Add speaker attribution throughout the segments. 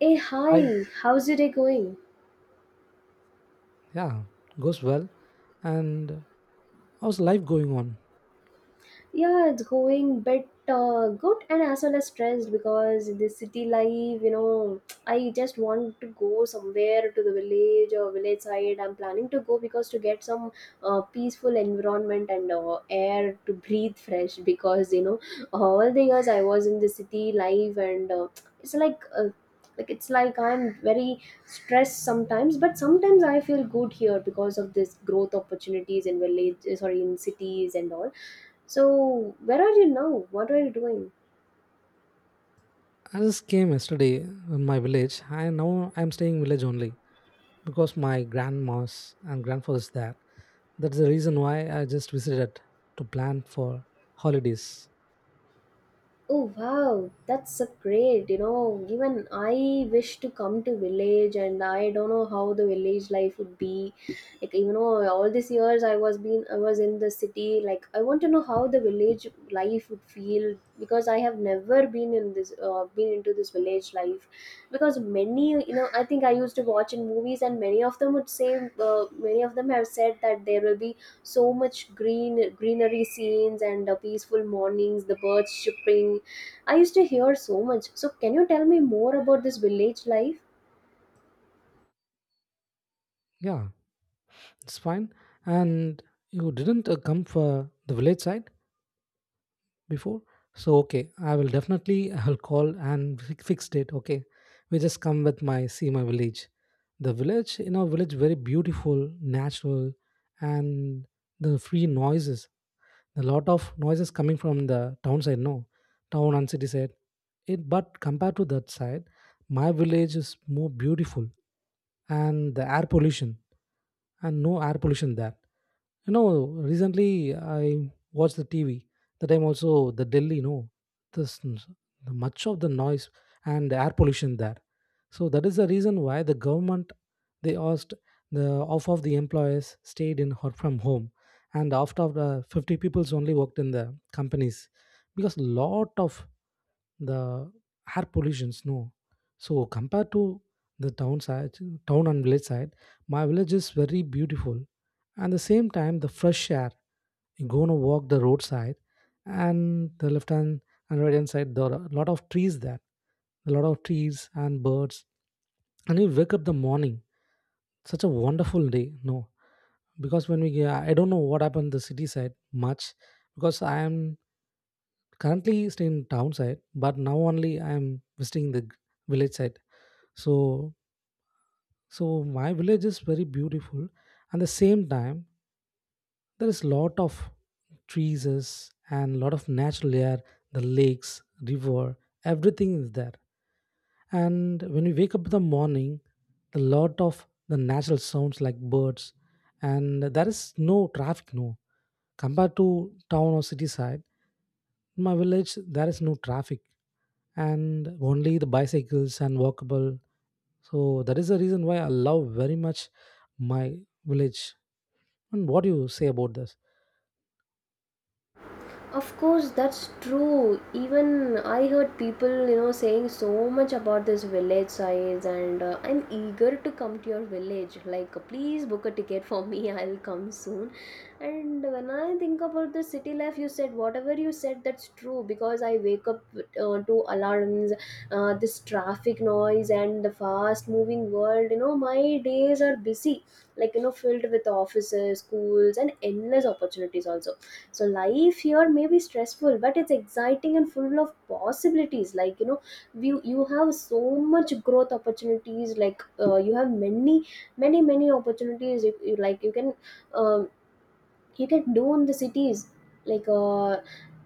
Speaker 1: Hey,
Speaker 2: I,
Speaker 1: hi, how's your day going?
Speaker 2: yeah, goes well, and how's life going on?
Speaker 1: Yeah, it's going bit good and as well as stressed because the city life. I just want to go somewhere to the village or village side. I'm planning to go because to get some peaceful environment and air to breathe fresh because all the years I was in the city life, and it's like uh, it's like I'm very stressed sometimes, but sometimes I feel good here because of this growth opportunities in village, sorry, in cities and all. So, where are you now? What are you doing?
Speaker 2: I just came yesterday in my village. I now I'm staying in village only because my grandmas and grandfather's there. That's the reason why I just visited to plan for holidays.
Speaker 1: Oh wow, that's so great. You know, even I wish to come to village, and I don't know how the village life would be. Like, you know, all these years I was in the city. Like, I want to know how the village life would feel, because I have never been into this village life. Because I think I used to watch in movies, and many of them have said that there will be so much greenery scenes and peaceful mornings, the birds chirping. I used to hear so much. So can you tell me more about this village life?
Speaker 2: Yeah, it's fine. And you didn't come for the village side before? So okay, I will definitely, I'll call and fixed it, okay. We just come with my, see my village. The village, you know, village very beautiful, natural, and the free noises. A lot of noises coming from the town side, no, town and city side, it, but compared to that side, my village is more beautiful. And the air pollution, and no air pollution there, you know. Recently I watched the TV the time also, the Delhi, you know, this, the much of the noise and the air pollution there. So that is the reason why the government, they asked the, off of the employees stayed in or from home, and after the 50 people's only worked in the companies because lot of the air pollutions, no. So compared to the town side, town and village side, my village is very beautiful, and the same time the fresh air. You go to walk the roadside, and the left hand and right hand side, there are a lot of trees there, a lot of trees and birds. And you wake up the morning, such a wonderful day, no, because when we get, I don't know what happened the city side much, because I am currently staying in town side, but now only I am visiting the village side. So so my village is very beautiful, and the same time there is lot of trees is and lot of natural air, the lakes, river, everything is there. And when we wake up in the morning, the lot of the natural sounds like birds, and there is no traffic, no. Compared to town or city side, in my village there is no traffic and only the bicycles and walkable. So that is the reason why I love very much my village. And what do you say about this?
Speaker 1: Of course, that's true. Even I heard people, saying so much about this village size, and I'm eager to come to your village. Like, please book a ticket for me. I'll come soon. And when I think about the city life, you said whatever you said, that's true. Because I wake up to alarms, this traffic noise, and the fast-moving world. You know, my days are busy, like filled with offices, schools, and endless opportunities also. So life here may be stressful, but it's exciting and full of possibilities. You have so much growth opportunities, like you have many opportunities. You, like um, you can do in the cities, like uh,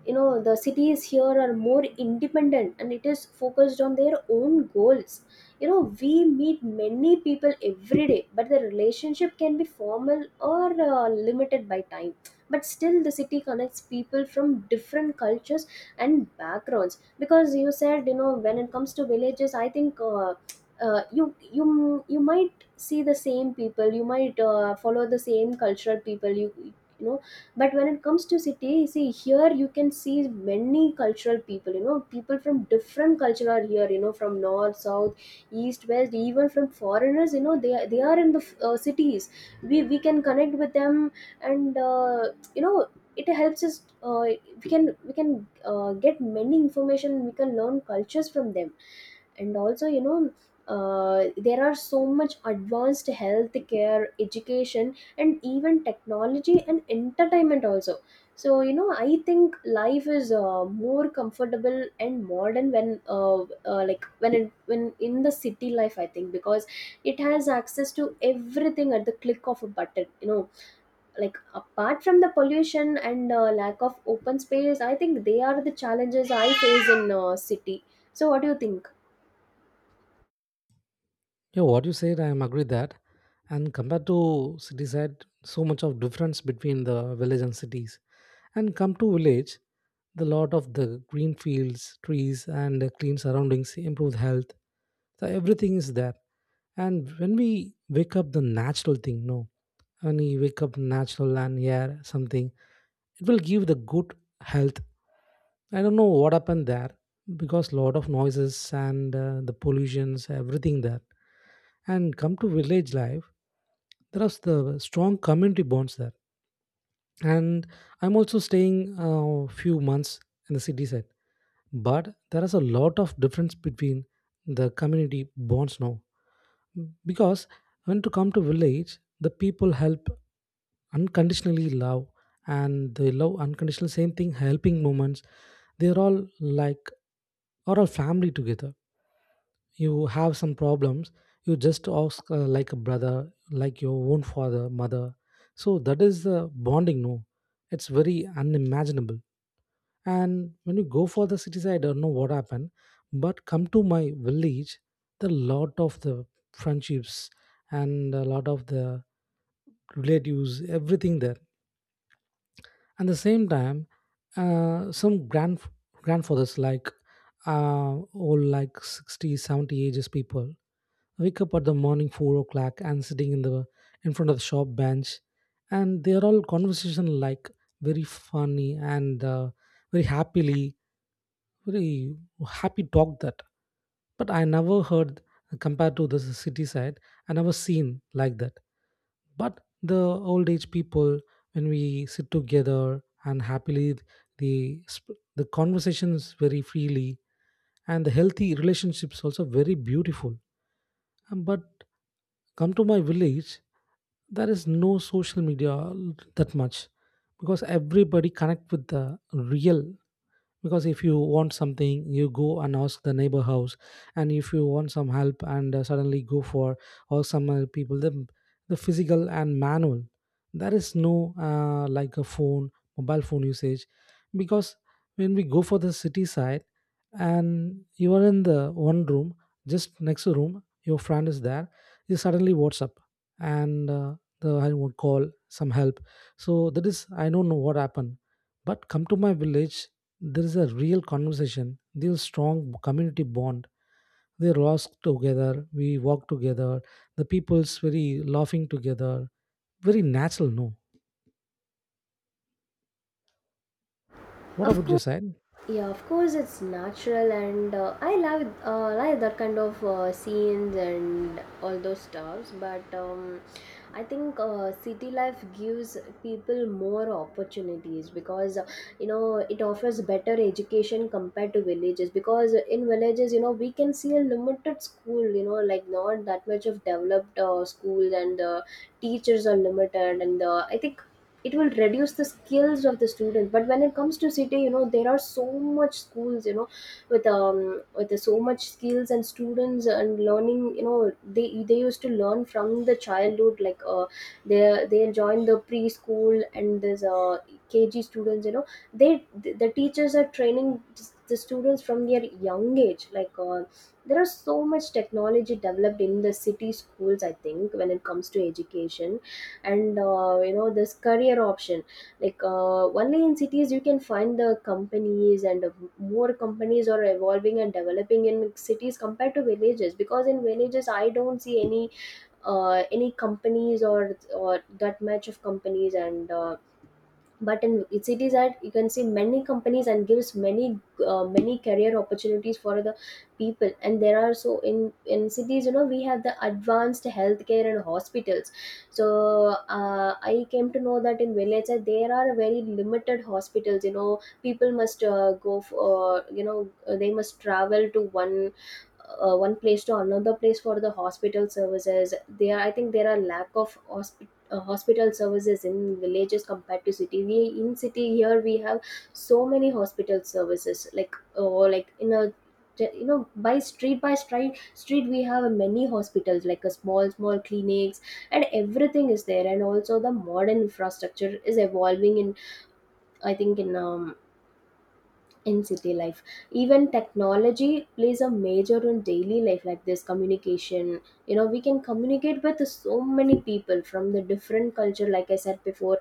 Speaker 1: you know the cities here are more independent, and it is focused on their own goals. You know, we meet many people every day, but the relationship can be formal or limited by time. But still, the city connects people from different cultures and backgrounds, because you said, you know, when it comes to villages, I think uh, you you you might see the same people. You might follow the same cultural people you know but when it comes to city, see here you can see many cultural people, you know, people from different culture are here, you know, from north, south, east, west, even from foreigners, you know, they are in the cities. We can connect with them. And you know it helps us we can get many information. We can learn cultures from them. And also, you know, there are so much advanced healthcare, education, and even technology and entertainment also. So, you know, I think life is more comfortable and modern when like when it, when in the city life, I think, because it has access to everything at the click of a button. Like, apart from the pollution and lack of open space, I think they are the challenges I face in city. So what do you think?
Speaker 2: Yeah, what you said, I am agree that. And compared to city side, so much of difference between the village and cities. And come to village, the lot of the green fields, trees, and the clean surroundings improve health. So everything is there. And when we wake up, the natural thing, no, when we wake up natural and air something, it will give the good health. I don't know what happened there because lot of noises and the pollutions everything there. And come to village life, there are the strong community bonds there. And I'm also staying a few months in the city side, but there is a lot of difference between the community bonds now, because when to come to village, the people help unconditionally, love, and they love unconditional, same thing helping moments. They're all like, are all family together. You have some problems, you just ask like a brother, like your own father, mother. So that is the bonding, no? It's very unimaginable. And when you go for the cities, I don't know what happened, but come to my village, the lot of the friendships and a lot of the relatives, everything there. And the same time, some grand grandfathers like old, like 60, 70 ages people, wake up at the morning 4 o'clock and sitting in the, in front of the shop bench, and they are all conversation like very funny and very happily, very happy talk that. But I never heard, compared to the city side, I never seen like that. But the old age people, when we sit together and happily, the the conversation is very freely, and the healthy relationships also very beautiful. But come to my village, there is no social media that much, because everybody connect with the real, because if you want something you go and ask the neighbor house, and if you want some help and suddenly go for, or some people, the physical and manual, there is no like a phone, mobile phone usage. Because when we go for the city side, and you are in the one room, just next room your friend is there, you suddenly WhatsApp, and the, I would call some help. So that is, I don't know what happened, but come to my village, there is a real conversation, there is strong community bond. They roast together, we walk together, the people's very laughing together. Very natural, no? What
Speaker 1: Of
Speaker 2: about your
Speaker 1: course.
Speaker 2: side?
Speaker 1: Yeah, of course it's natural, and I love like that kind of scenes and all those stuffs. But I think city life gives people more opportunities, because it offers better education compared to villages. Because in villages, you know, we can see a limited school. You know, like, not that much of developed schools, and the teachers are limited. And I think it will reduce the skills of the student, but when it comes to city, you know, there are so much schools, you know, with um with so much skills and students and learning. You know, they used to learn from the childhood, like they they join the preschool, and there's kg students, you know, they the teachers are training the students from their young age, like there are so much technology developed in the city schools, I think, when it comes to education. And you know, this career option, like only in cities you can find the companies, and more companies are evolving and developing in cities compared to villages, because in villages I don't see any companies or that much of companies, and but in cities that you can see many companies and gives many many career opportunities for the people. And there are so in cities, you know, we have the advanced healthcare and hospitals. So I came to know that in villages there are very limited hospitals. You know, people must go for, they must travel to one place to another place for the hospital services. There, I think there are lack of hospital services in villages compared to city. We in city here we have so many hospital services, like, or like, in a, you know, by street, by street we have many hospitals, like a small clinics, and everything is there. And also the modern infrastructure is evolving in, I think, in city life. Even technology plays a major role in daily life, like this communication. You know, we can communicate with so many people from the different culture, like I said before.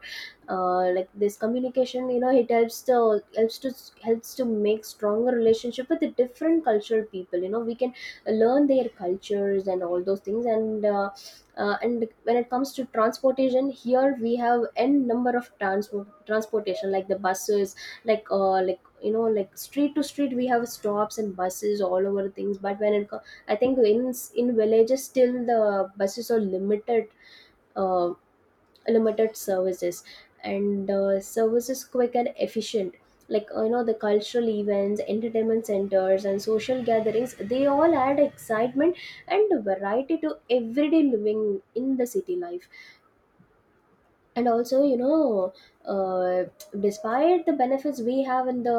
Speaker 1: Like this communication, you know, it helps to helps to make stronger relationship with the different cultural people. You know, we can learn their cultures and all those things, and when it comes to transportation, here we have n number of transportation like the buses, like like, you know, like street to street we have stops and buses all over things. But I think in villages still the buses are limited, uh, limited services, and services quick and efficient. Like you know, the cultural events, entertainment centers, and social gatherings, they all add excitement and variety to everyday living in the city life. And also, you know, uh, despite the benefits we have in the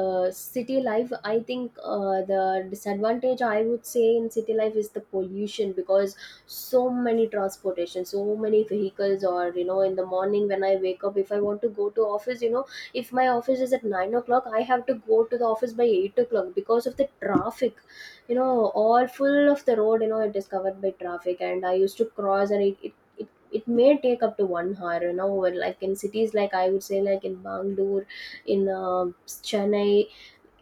Speaker 1: city life, I think the disadvantage I would say in city life is the pollution, because so many transportation, so many vehicles. Or, you know, in the morning when I wake up, if I want to go to office, you know, if my office is at 9 o'clock, I have to go to the office by 8 o'clock because of the traffic. You know, all full of the road, you know, it is covered by traffic, and I used to cross, and it may take up to one hour, an hour, like in cities, like I would say, like in Bangalore, in Chennai.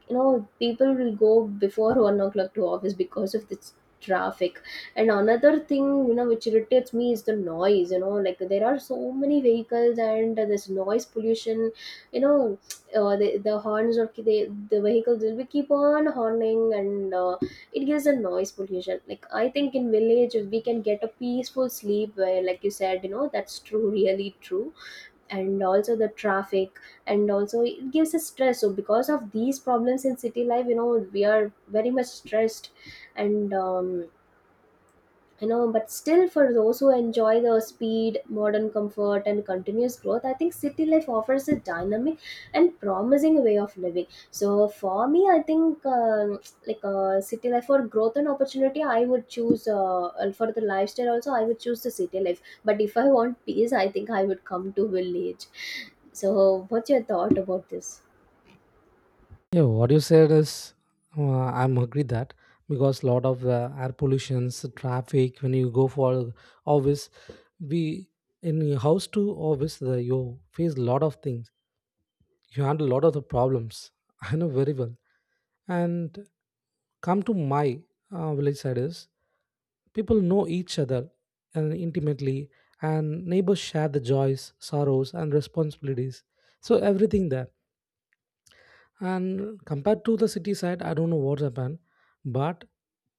Speaker 1: You know, people will go before 1 o'clock to office because of this traffic. And another thing, you know, which irritates me is the noise. You know, like, there are so many vehicles, and this noise pollution. You know, the horns of the vehicles will be keep on horning, and it gives a noise pollution. Like, I think in village we can get a peaceful sleep, where, like you said, you know, that's true, really true. And also the traffic, and also it gives us stress. So because of these problems in city life, you know, we are very much stressed. And you know, but still, for those who enjoy the speed, modern comfort, and continuous growth, I think city life offers a dynamic and promising way of living. So, for me, I think, like, city life for growth and opportunity I would choose, and for the lifestyle also I would choose the city life. But if I want peace, I think I would come to village. So what's your thought about this?
Speaker 2: Yeah, what you said is, I'm agree that, because lot of air pollutions, traffic. When you go for office, we in your house to office, the, you face lot of things. You handle a lot of the problems. I know very well. And come to my village side is, people know each other and intimately, and neighbors share the joys, sorrows, and responsibilities. So everything there. And compared to the city side, I don't know what's happened, but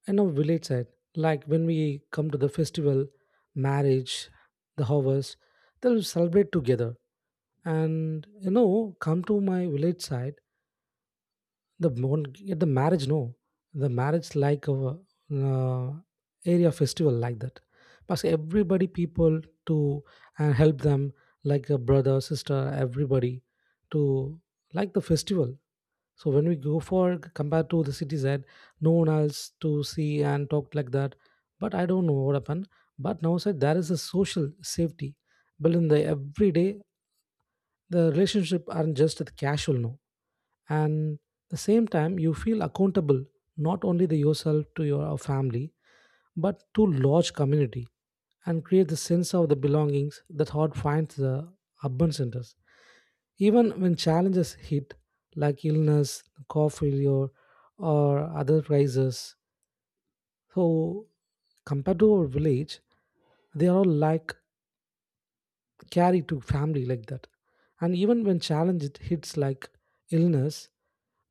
Speaker 2: in a village side, like when we come to the festival, marriage, the harvest, they'll celebrate together. And you know, come to my village side, the at the marriage, no, the marriage like a uh, area festival like that. Because everybody people to and help them, like a brother, sister, everybody to like the festival. So when we go for, compared to the city side, no one else to see and talk like that. But I don't know what happened. But now said there is a social safety built in the everyday. The relationship aren't just the casual, no, and the same time you feel accountable, not only to yourself, to your family, but to large community, and create the sense of the belongings that hard finds the urban centers, even when challenges hit like illness, car failure, or other crises. So compared to our village, they are all like carry to family like that. And even when challenge it hits like illness,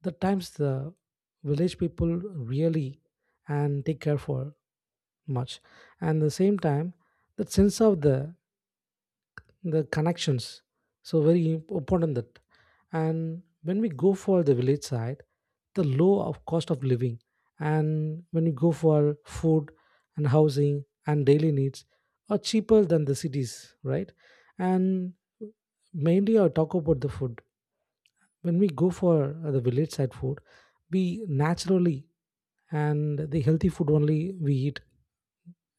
Speaker 2: the times the village people really and take care for much. And the same time, that sense of the connections so very important that. And when we go for the village side, the low of cost of living, and when we go for food and housing and daily needs are cheaper than the cities, right? And mainly I talk about the food. When we go for the village side food, we naturally and the healthy food only we eat,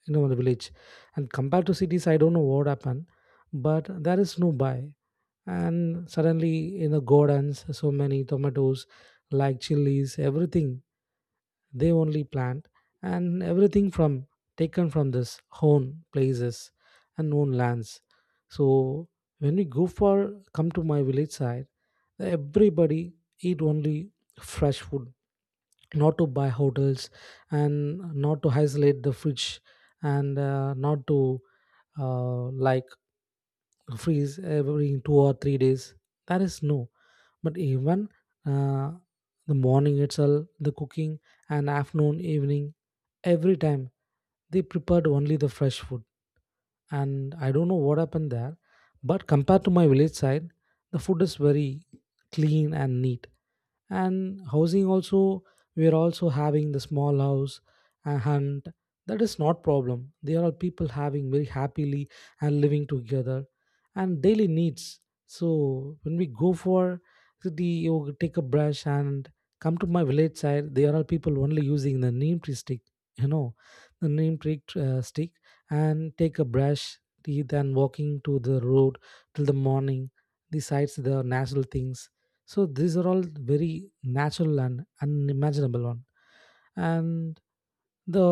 Speaker 2: you know, in the village. And compared to cities, I don't know what happened, but there is no buy, and suddenly in the gardens, so many tomatoes like chilies, everything they only plant, and everything from taken from this own places and own lands. So when we go for, come to my village side, everybody eat only fresh food, not to buy hotels, and not to isolate the fridge, and not to like freeze every 2 or 3 days. That is no. But even uh, the morning itself the cooking, and afternoon evening, every time they prepared only the fresh food. And I don't know what happened there, but compared to my village side, the food is very clean and neat. And housing also, we are also having the small house, a hunt, that is not problem. There are people having very happily and living together. And daily needs, so when we go for city you take a brush, and come to my village side there are people only using the neem tree stick, you know, the neem tree stick, and take a brush, teeth, and walking to the road, till the morning the sights the natural things. So these are all very natural and unimaginable one. And the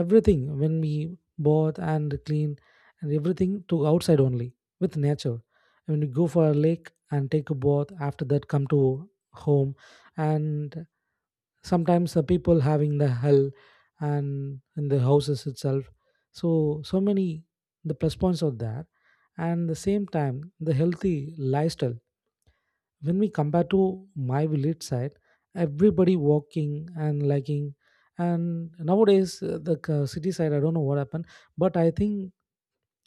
Speaker 2: everything when we bath and clean, and everything to outside only with nature. When we go for a lake and take a bath, after that come to home. And sometimes the people having the hell and in the houses itself. So so many the plus points of that. And the same time the healthy lifestyle, when we compare to my village side, everybody walking and liking. And nowadays the city side, I don't know what happened, but I think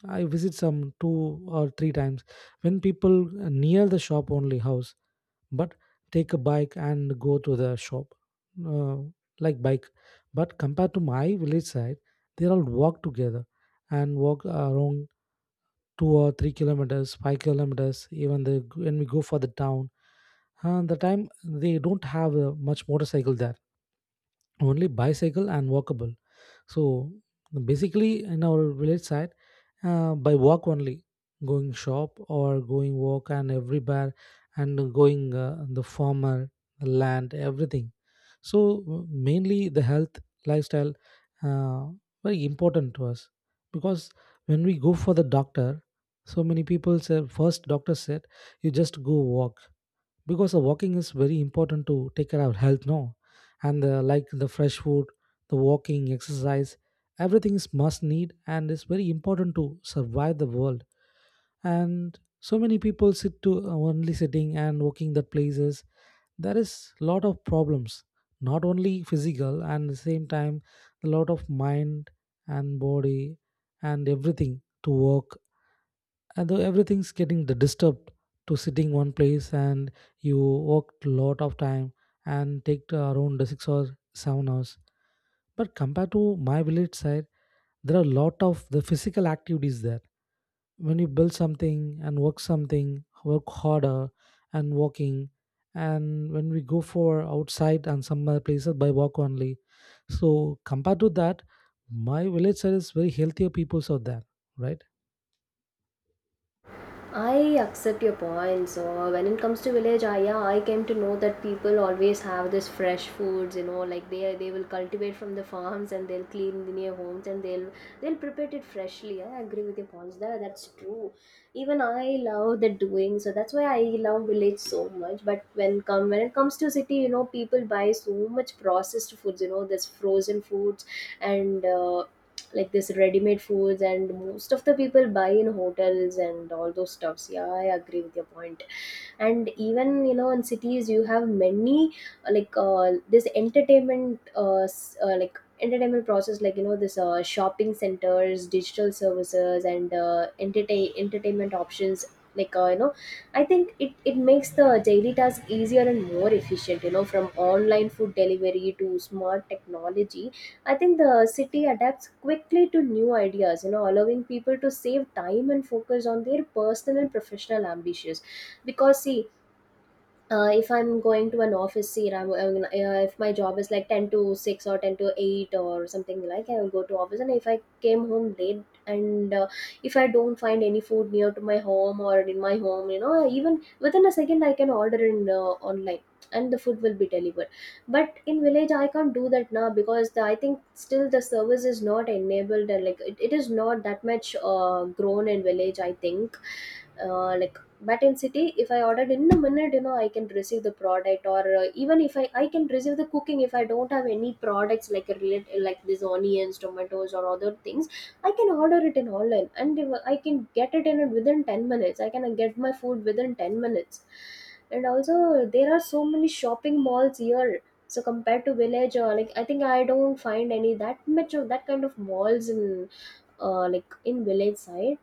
Speaker 2: I visit some 2 or 3 times, when people near the shop only house, but take a bike and go to the shop, uh, like bike. But compared to my village side, they all walk together and walk around 2 or 3 kilometers, 5 kilometers, even the when we go for the town. And the time they don't have much motorcycle there, only bicycle and walkable. So basically, in our village side, by walk only, going shop or going walk and everywhere, and going the farmer, the land, everything. So mainly the health lifestyle, uh, very important to us, because when we go for the doctor, so many people said, first doctor said, you just go walk, because the walking is very important to take care of health, no? And the, like the fresh food, the walking exercise, everything is must need and is very important to survive the world. And so many people sit to only sitting and walking that places, there is lot of problems. Not only physical, and the same time, a lot of mind and body and everything to work, though everything's getting the disturbed to sitting one place and you work a lot of time, and take the around the 6 or 7 hours. But compared to my village side, there are a lot of the physical activities there. When you build something and work something, work harder and walking, and when we go for outside and some other places by walk only. So compared to that, my village side is very healthier peoples out there, right?
Speaker 1: I accept your point. So when it comes to village, I yeah, I came to know that people always have this fresh foods. You know, like they will cultivate from the farms, and they'll clean the near homes, and they'll prepare it freshly. I agree with your points there. That's true. Even I love the doing. So that's why I love village so much. But when it comes to city, you know, people buy so much processed foods. You know, this frozen foods, and like this ready-made foods, and most of the people buy in hotels and all those stuffs. Yeah, I agree with your point. And even, you know, in cities you have many this entertainment like entertainment process, like, you know, this shopping centers, digital services, and entertainment options, like uh, you know I think it makes the daily task easier and more efficient, you know, from online food delivery to smart technology. I think the city adapts quickly to new ideas, you know, allowing people to save time and focus on their personal and professional ambitions. Because, see, if I'm going to an office here, I'm if my job is like ten to six or ten to eight or something like, I will go to office. And if I came home late and if I don't find any food near to my home or in my home, you know, even within a second I can order in online, and the food will be delivered. But in village I can't do that now because the, I think still the service is not enabled, and like it is not that much grown in village. I think uh, like but in city, if I ordered in a minute, you know, I can receive the product, or even if I can receive the cooking if I don't have any products, like a relate, like these onions, tomatoes, or other things, I can order it in online, and if I can get it in within 10 minutes, I can get my food within 10 minutes. And also, there are so many shopping malls here, so compared to village, or like, I think I don't find any that much of that kind of malls in in village side.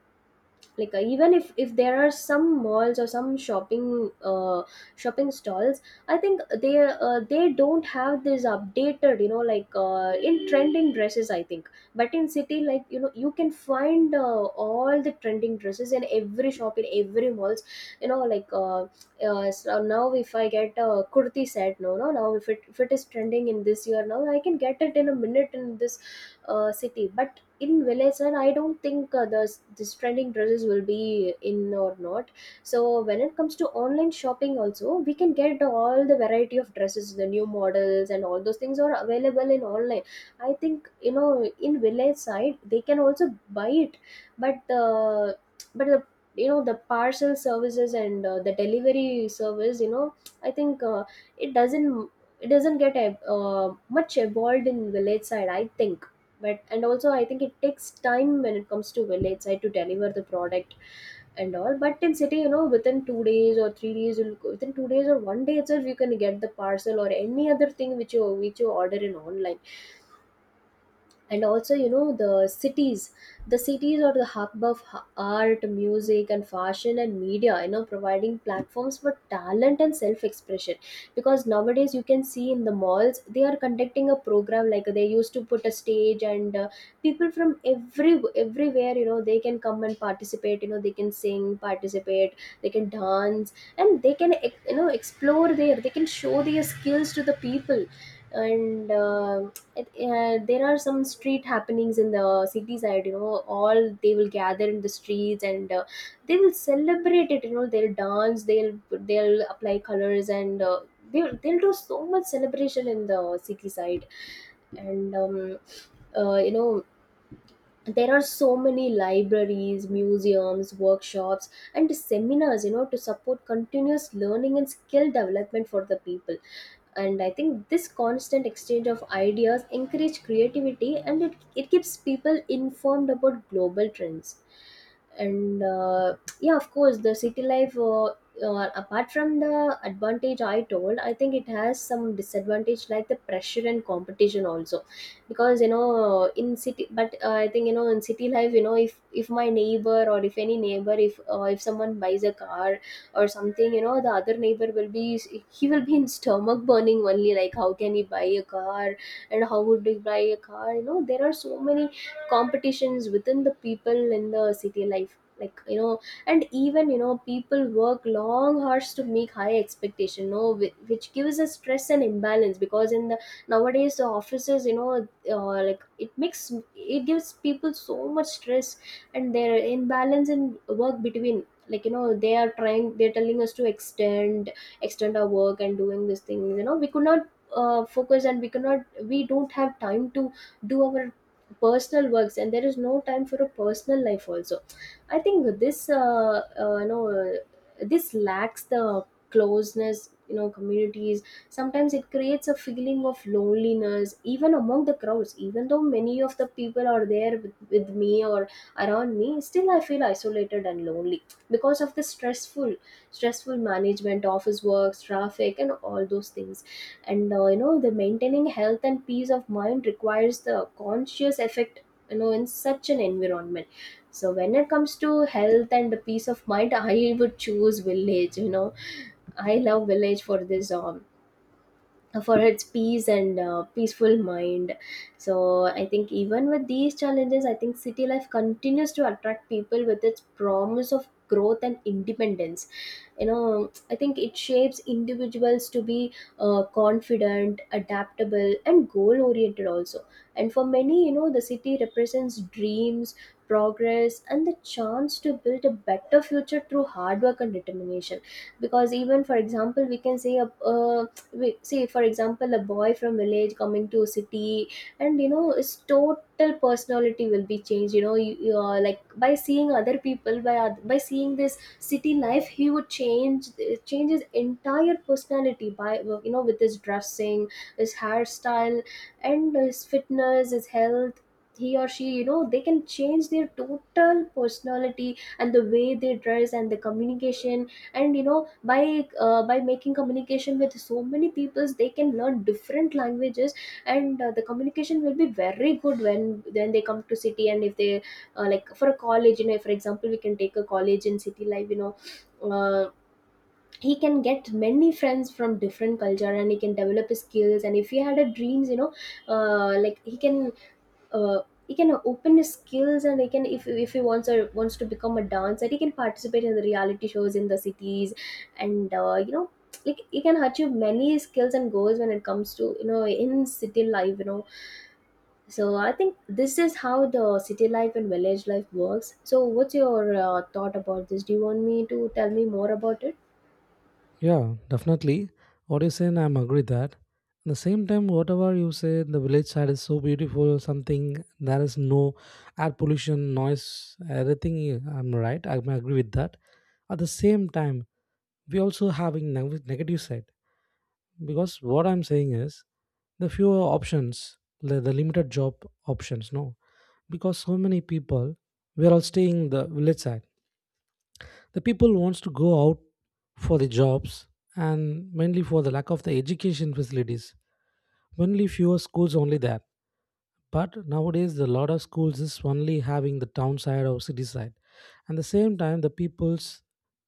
Speaker 1: Even if there are some malls or some shopping shopping stalls, I think they don't have this updated, you know, like in trending dresses, I think. But in city, like, you know, you can find all the trending dresses in every shop, in every malls, you know like uh, so now if I get a kurti set. No, no, now if it, if it is trending in this year, now I can get it in a minute in this city. But in village, and I don't think the this trending dresses will be in or not. So when it comes to online shopping also, we can get all the variety of dresses, the new models, and all those things are available in online. I think, you know, in village side they can also buy it, but uh, but the, you know, the parcel services and the delivery service, you know, I think it doesn't, it doesn't get much evolved in village side, I think. But and also I think it takes time when it comes to village side to deliver the product and all. But in city, you know, within 2 days or within 2 days or one day itself you can get the parcel or any other thing which you order in online. And also, you know, the cities, the cities are the hub of art, music, and fashion, and media, you know, providing platforms for talent and self-expression. Because nowadays you can see in the malls they are conducting a program like they used to put a stage, and people from everywhere, you know, they can come and participate, you know, they can sing, participate, they can dance, and they can you know, explore there. They can show their skills to the people. And there are some street happenings in the city side, you know, all they will gather in the streets, and they will celebrate it, you know, they'll dance, they'll apply colors, and they'll do so much celebration in the city side. And you know, there are so many libraries, museums, workshops, and seminars, you know, to support continuous learning and skill development for the people. And I think this constant exchange of ideas encourage creativity, and it keeps people informed about global trends. And yeah, of course, the city life, apart from the advantage I told, I think it has some disadvantage like the pressure and competition also. Because, you know, in city, but I think, you know, in city life, you know, if my neighbor, or if any neighbor, if someone buys a car or something, you know, the other neighbor will be, he will be in stomach burning only, like how can he buy a car, and how would he buy a car? You know, there are so many competitions within the people in the city life, like, you know. And even, you know, people work long hours to make high expectation, no, which gives us stress and imbalance, because in the nowadays the offices, you know, like it makes, it gives people so much stress, and their imbalance in work between, like, you know, they are trying, they're telling us to extend, extend our work and doing this thing, you know, we could not focus, and we cannot, we don't have time to do our personal works, and there is no time for a personal life also. I think this this lacks the closeness, you know, communities. Sometimes it creates a feeling of loneliness even among the crowds. Even though many of the people are there with me or around me, still I feel isolated and lonely, because of the stressful management, office works, traffic, and all those things. And you know, the maintaining health and peace of mind requires the conscious effect, you know, in such an environment. So when it comes to health and the peace of mind, I would choose village, you know. I love village for this, for its peace, and peaceful mind. So I think even with these challenges, I think city life continues to attract people with its promise of growth and independence. You know, I think it shapes individuals to be confident, adaptable, and goal oriented also. And for many, you know, the city represents dreams, progress, and the chance to build a better future through hard work and determination. Because even for example we can say a, we see, for example, a boy from village coming to city, and you know his total personality will be changed. You know, you are like by seeing other people, by seeing this city life, he would change change his entire personality by you know, with his dressing, his hairstyle, and his fitness, his health. He or she, you know, they can change their total personality and the way they dress and the communication. And you know, by making communication with so many peoples, they can learn different languages. And the communication will be very good when they come to city. And if they like for a college, you know, for example we can take a college in city life, you know, uh, he can get many friends from different culture, and he can develop his skills. And if he had a dreams, you know, uh, like he can uh, he can open his skills, and he can, if he wants, or wants to become a dancer, he can participate in the reality shows in the cities. And you know, like he can achieve many skills and goals when it comes to, you know, in city life, you know. So I think this is how the city life and village life works. So what's your thought about this? Do you want me to tell me more about it?
Speaker 2: Yeah, definitely. What you saying, I'm agree that. At the same time, whatever you say, the village side is so beautiful. Something there is no air pollution, noise, everything. Yeah, I'm right. I may agree with that. At the same time, we also having negative side, because what I'm saying is the fewer options, the limited job options. No, because so many people, we are all staying the village side, the people wants to go out for the jobs. And mainly for the lack of the education facilities, only fewer schools only there. But nowadays the lot of schools is only having the town side or city side. And the same time the peoples,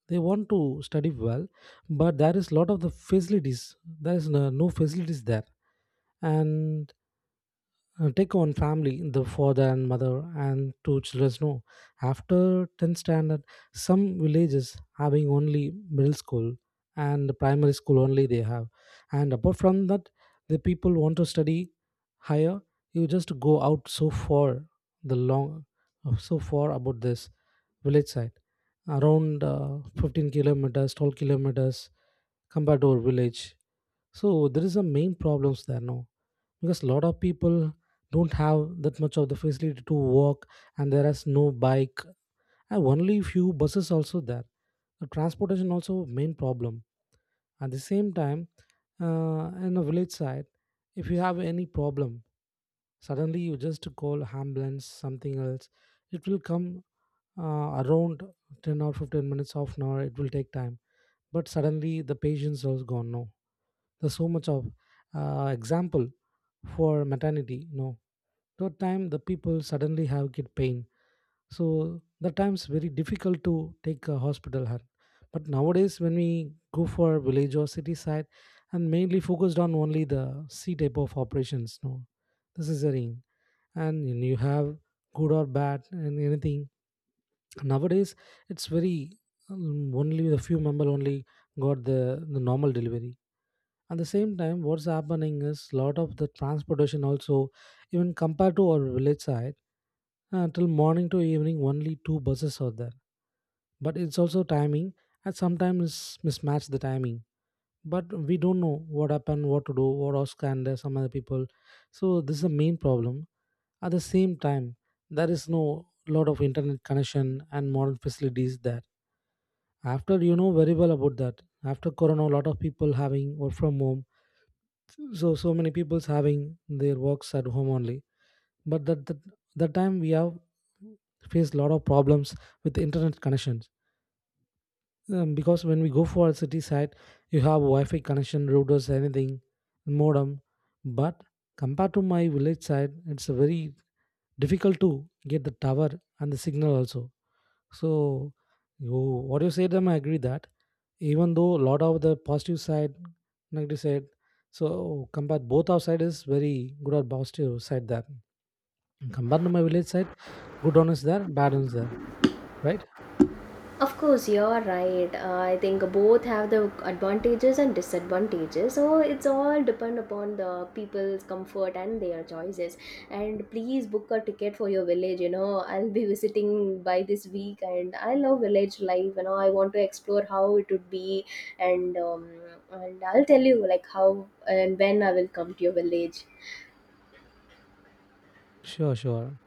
Speaker 2: they want to study well, but there is lot of the facilities, there is no facilities there. And take one family, the father and mother and two children. No, after 10th standard, some villages having only middle school and primary school only they have. And apart from that, the people want to study higher. You just go out so far, the long, so far about this village side, around 15 kilometers, 12 kilometers compared to our village. So there is a main problems there now, because a lot of people don't have that much of the facility to walk, and there is no bike, and only few buses also there. The transportation also main problem. At the same time, in a village side, if you have any problem, suddenly you just call ambulance, something else. It will come around 10 or 15 minutes, half an hour. It will take time, but suddenly the patience was gone, no. There's so much of example for maternity, no. That time the people suddenly have get pain. So the times very difficult to take a hospital her. But nowadays when we go for village or city side, and mainly focused on only the c type of operations, no. This is a ring, and you have good or bad and anything. Nowadays, it's very only the few member only got the normal delivery. At the same time, what's happening is lot of the transportation also. Even compared to our village side, till morning to evening only two buses are there. But it's also timing, and sometimes mismatch the timing, but we don't know what happened, what to do, what ask and some other people. So this is the main problem. At the same time, there is no lot of internet connection and modern facilities there. After, you know very well about that, after corona a lot of people having work from home. So so many people's having their works at home only. But that time we have faced a lot of problems with internet connections. Because when we go for a city side, you have Wi-Fi connection, routers, anything, modem. But compared to my village side, it's very difficult to get the tower and the signal also. So you, what you said, them I agree that. Even though a lot of the positive side, negative side, so compared both our side is very good or positive side there. Compared to my village side, good one is there, bad one is there, right?
Speaker 1: Of course, you're right. I think both have the advantages and disadvantages. So it's all depend upon the people's comfort and their choices. And please book a ticket for your village. You know, I'll be visiting by this week, and I love village life. You know, I want to explore how it would be, and um, and I'll tell you like how and when I will come to your village.
Speaker 2: Sure, sure.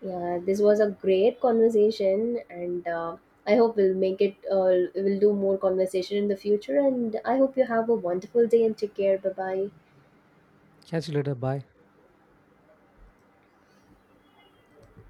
Speaker 1: Yeah, this was a great conversation, and I hope we'll make it. We'll do more conversation in the future, and I hope you have a wonderful day and take care. Bye bye.
Speaker 2: Catch you later. Bye.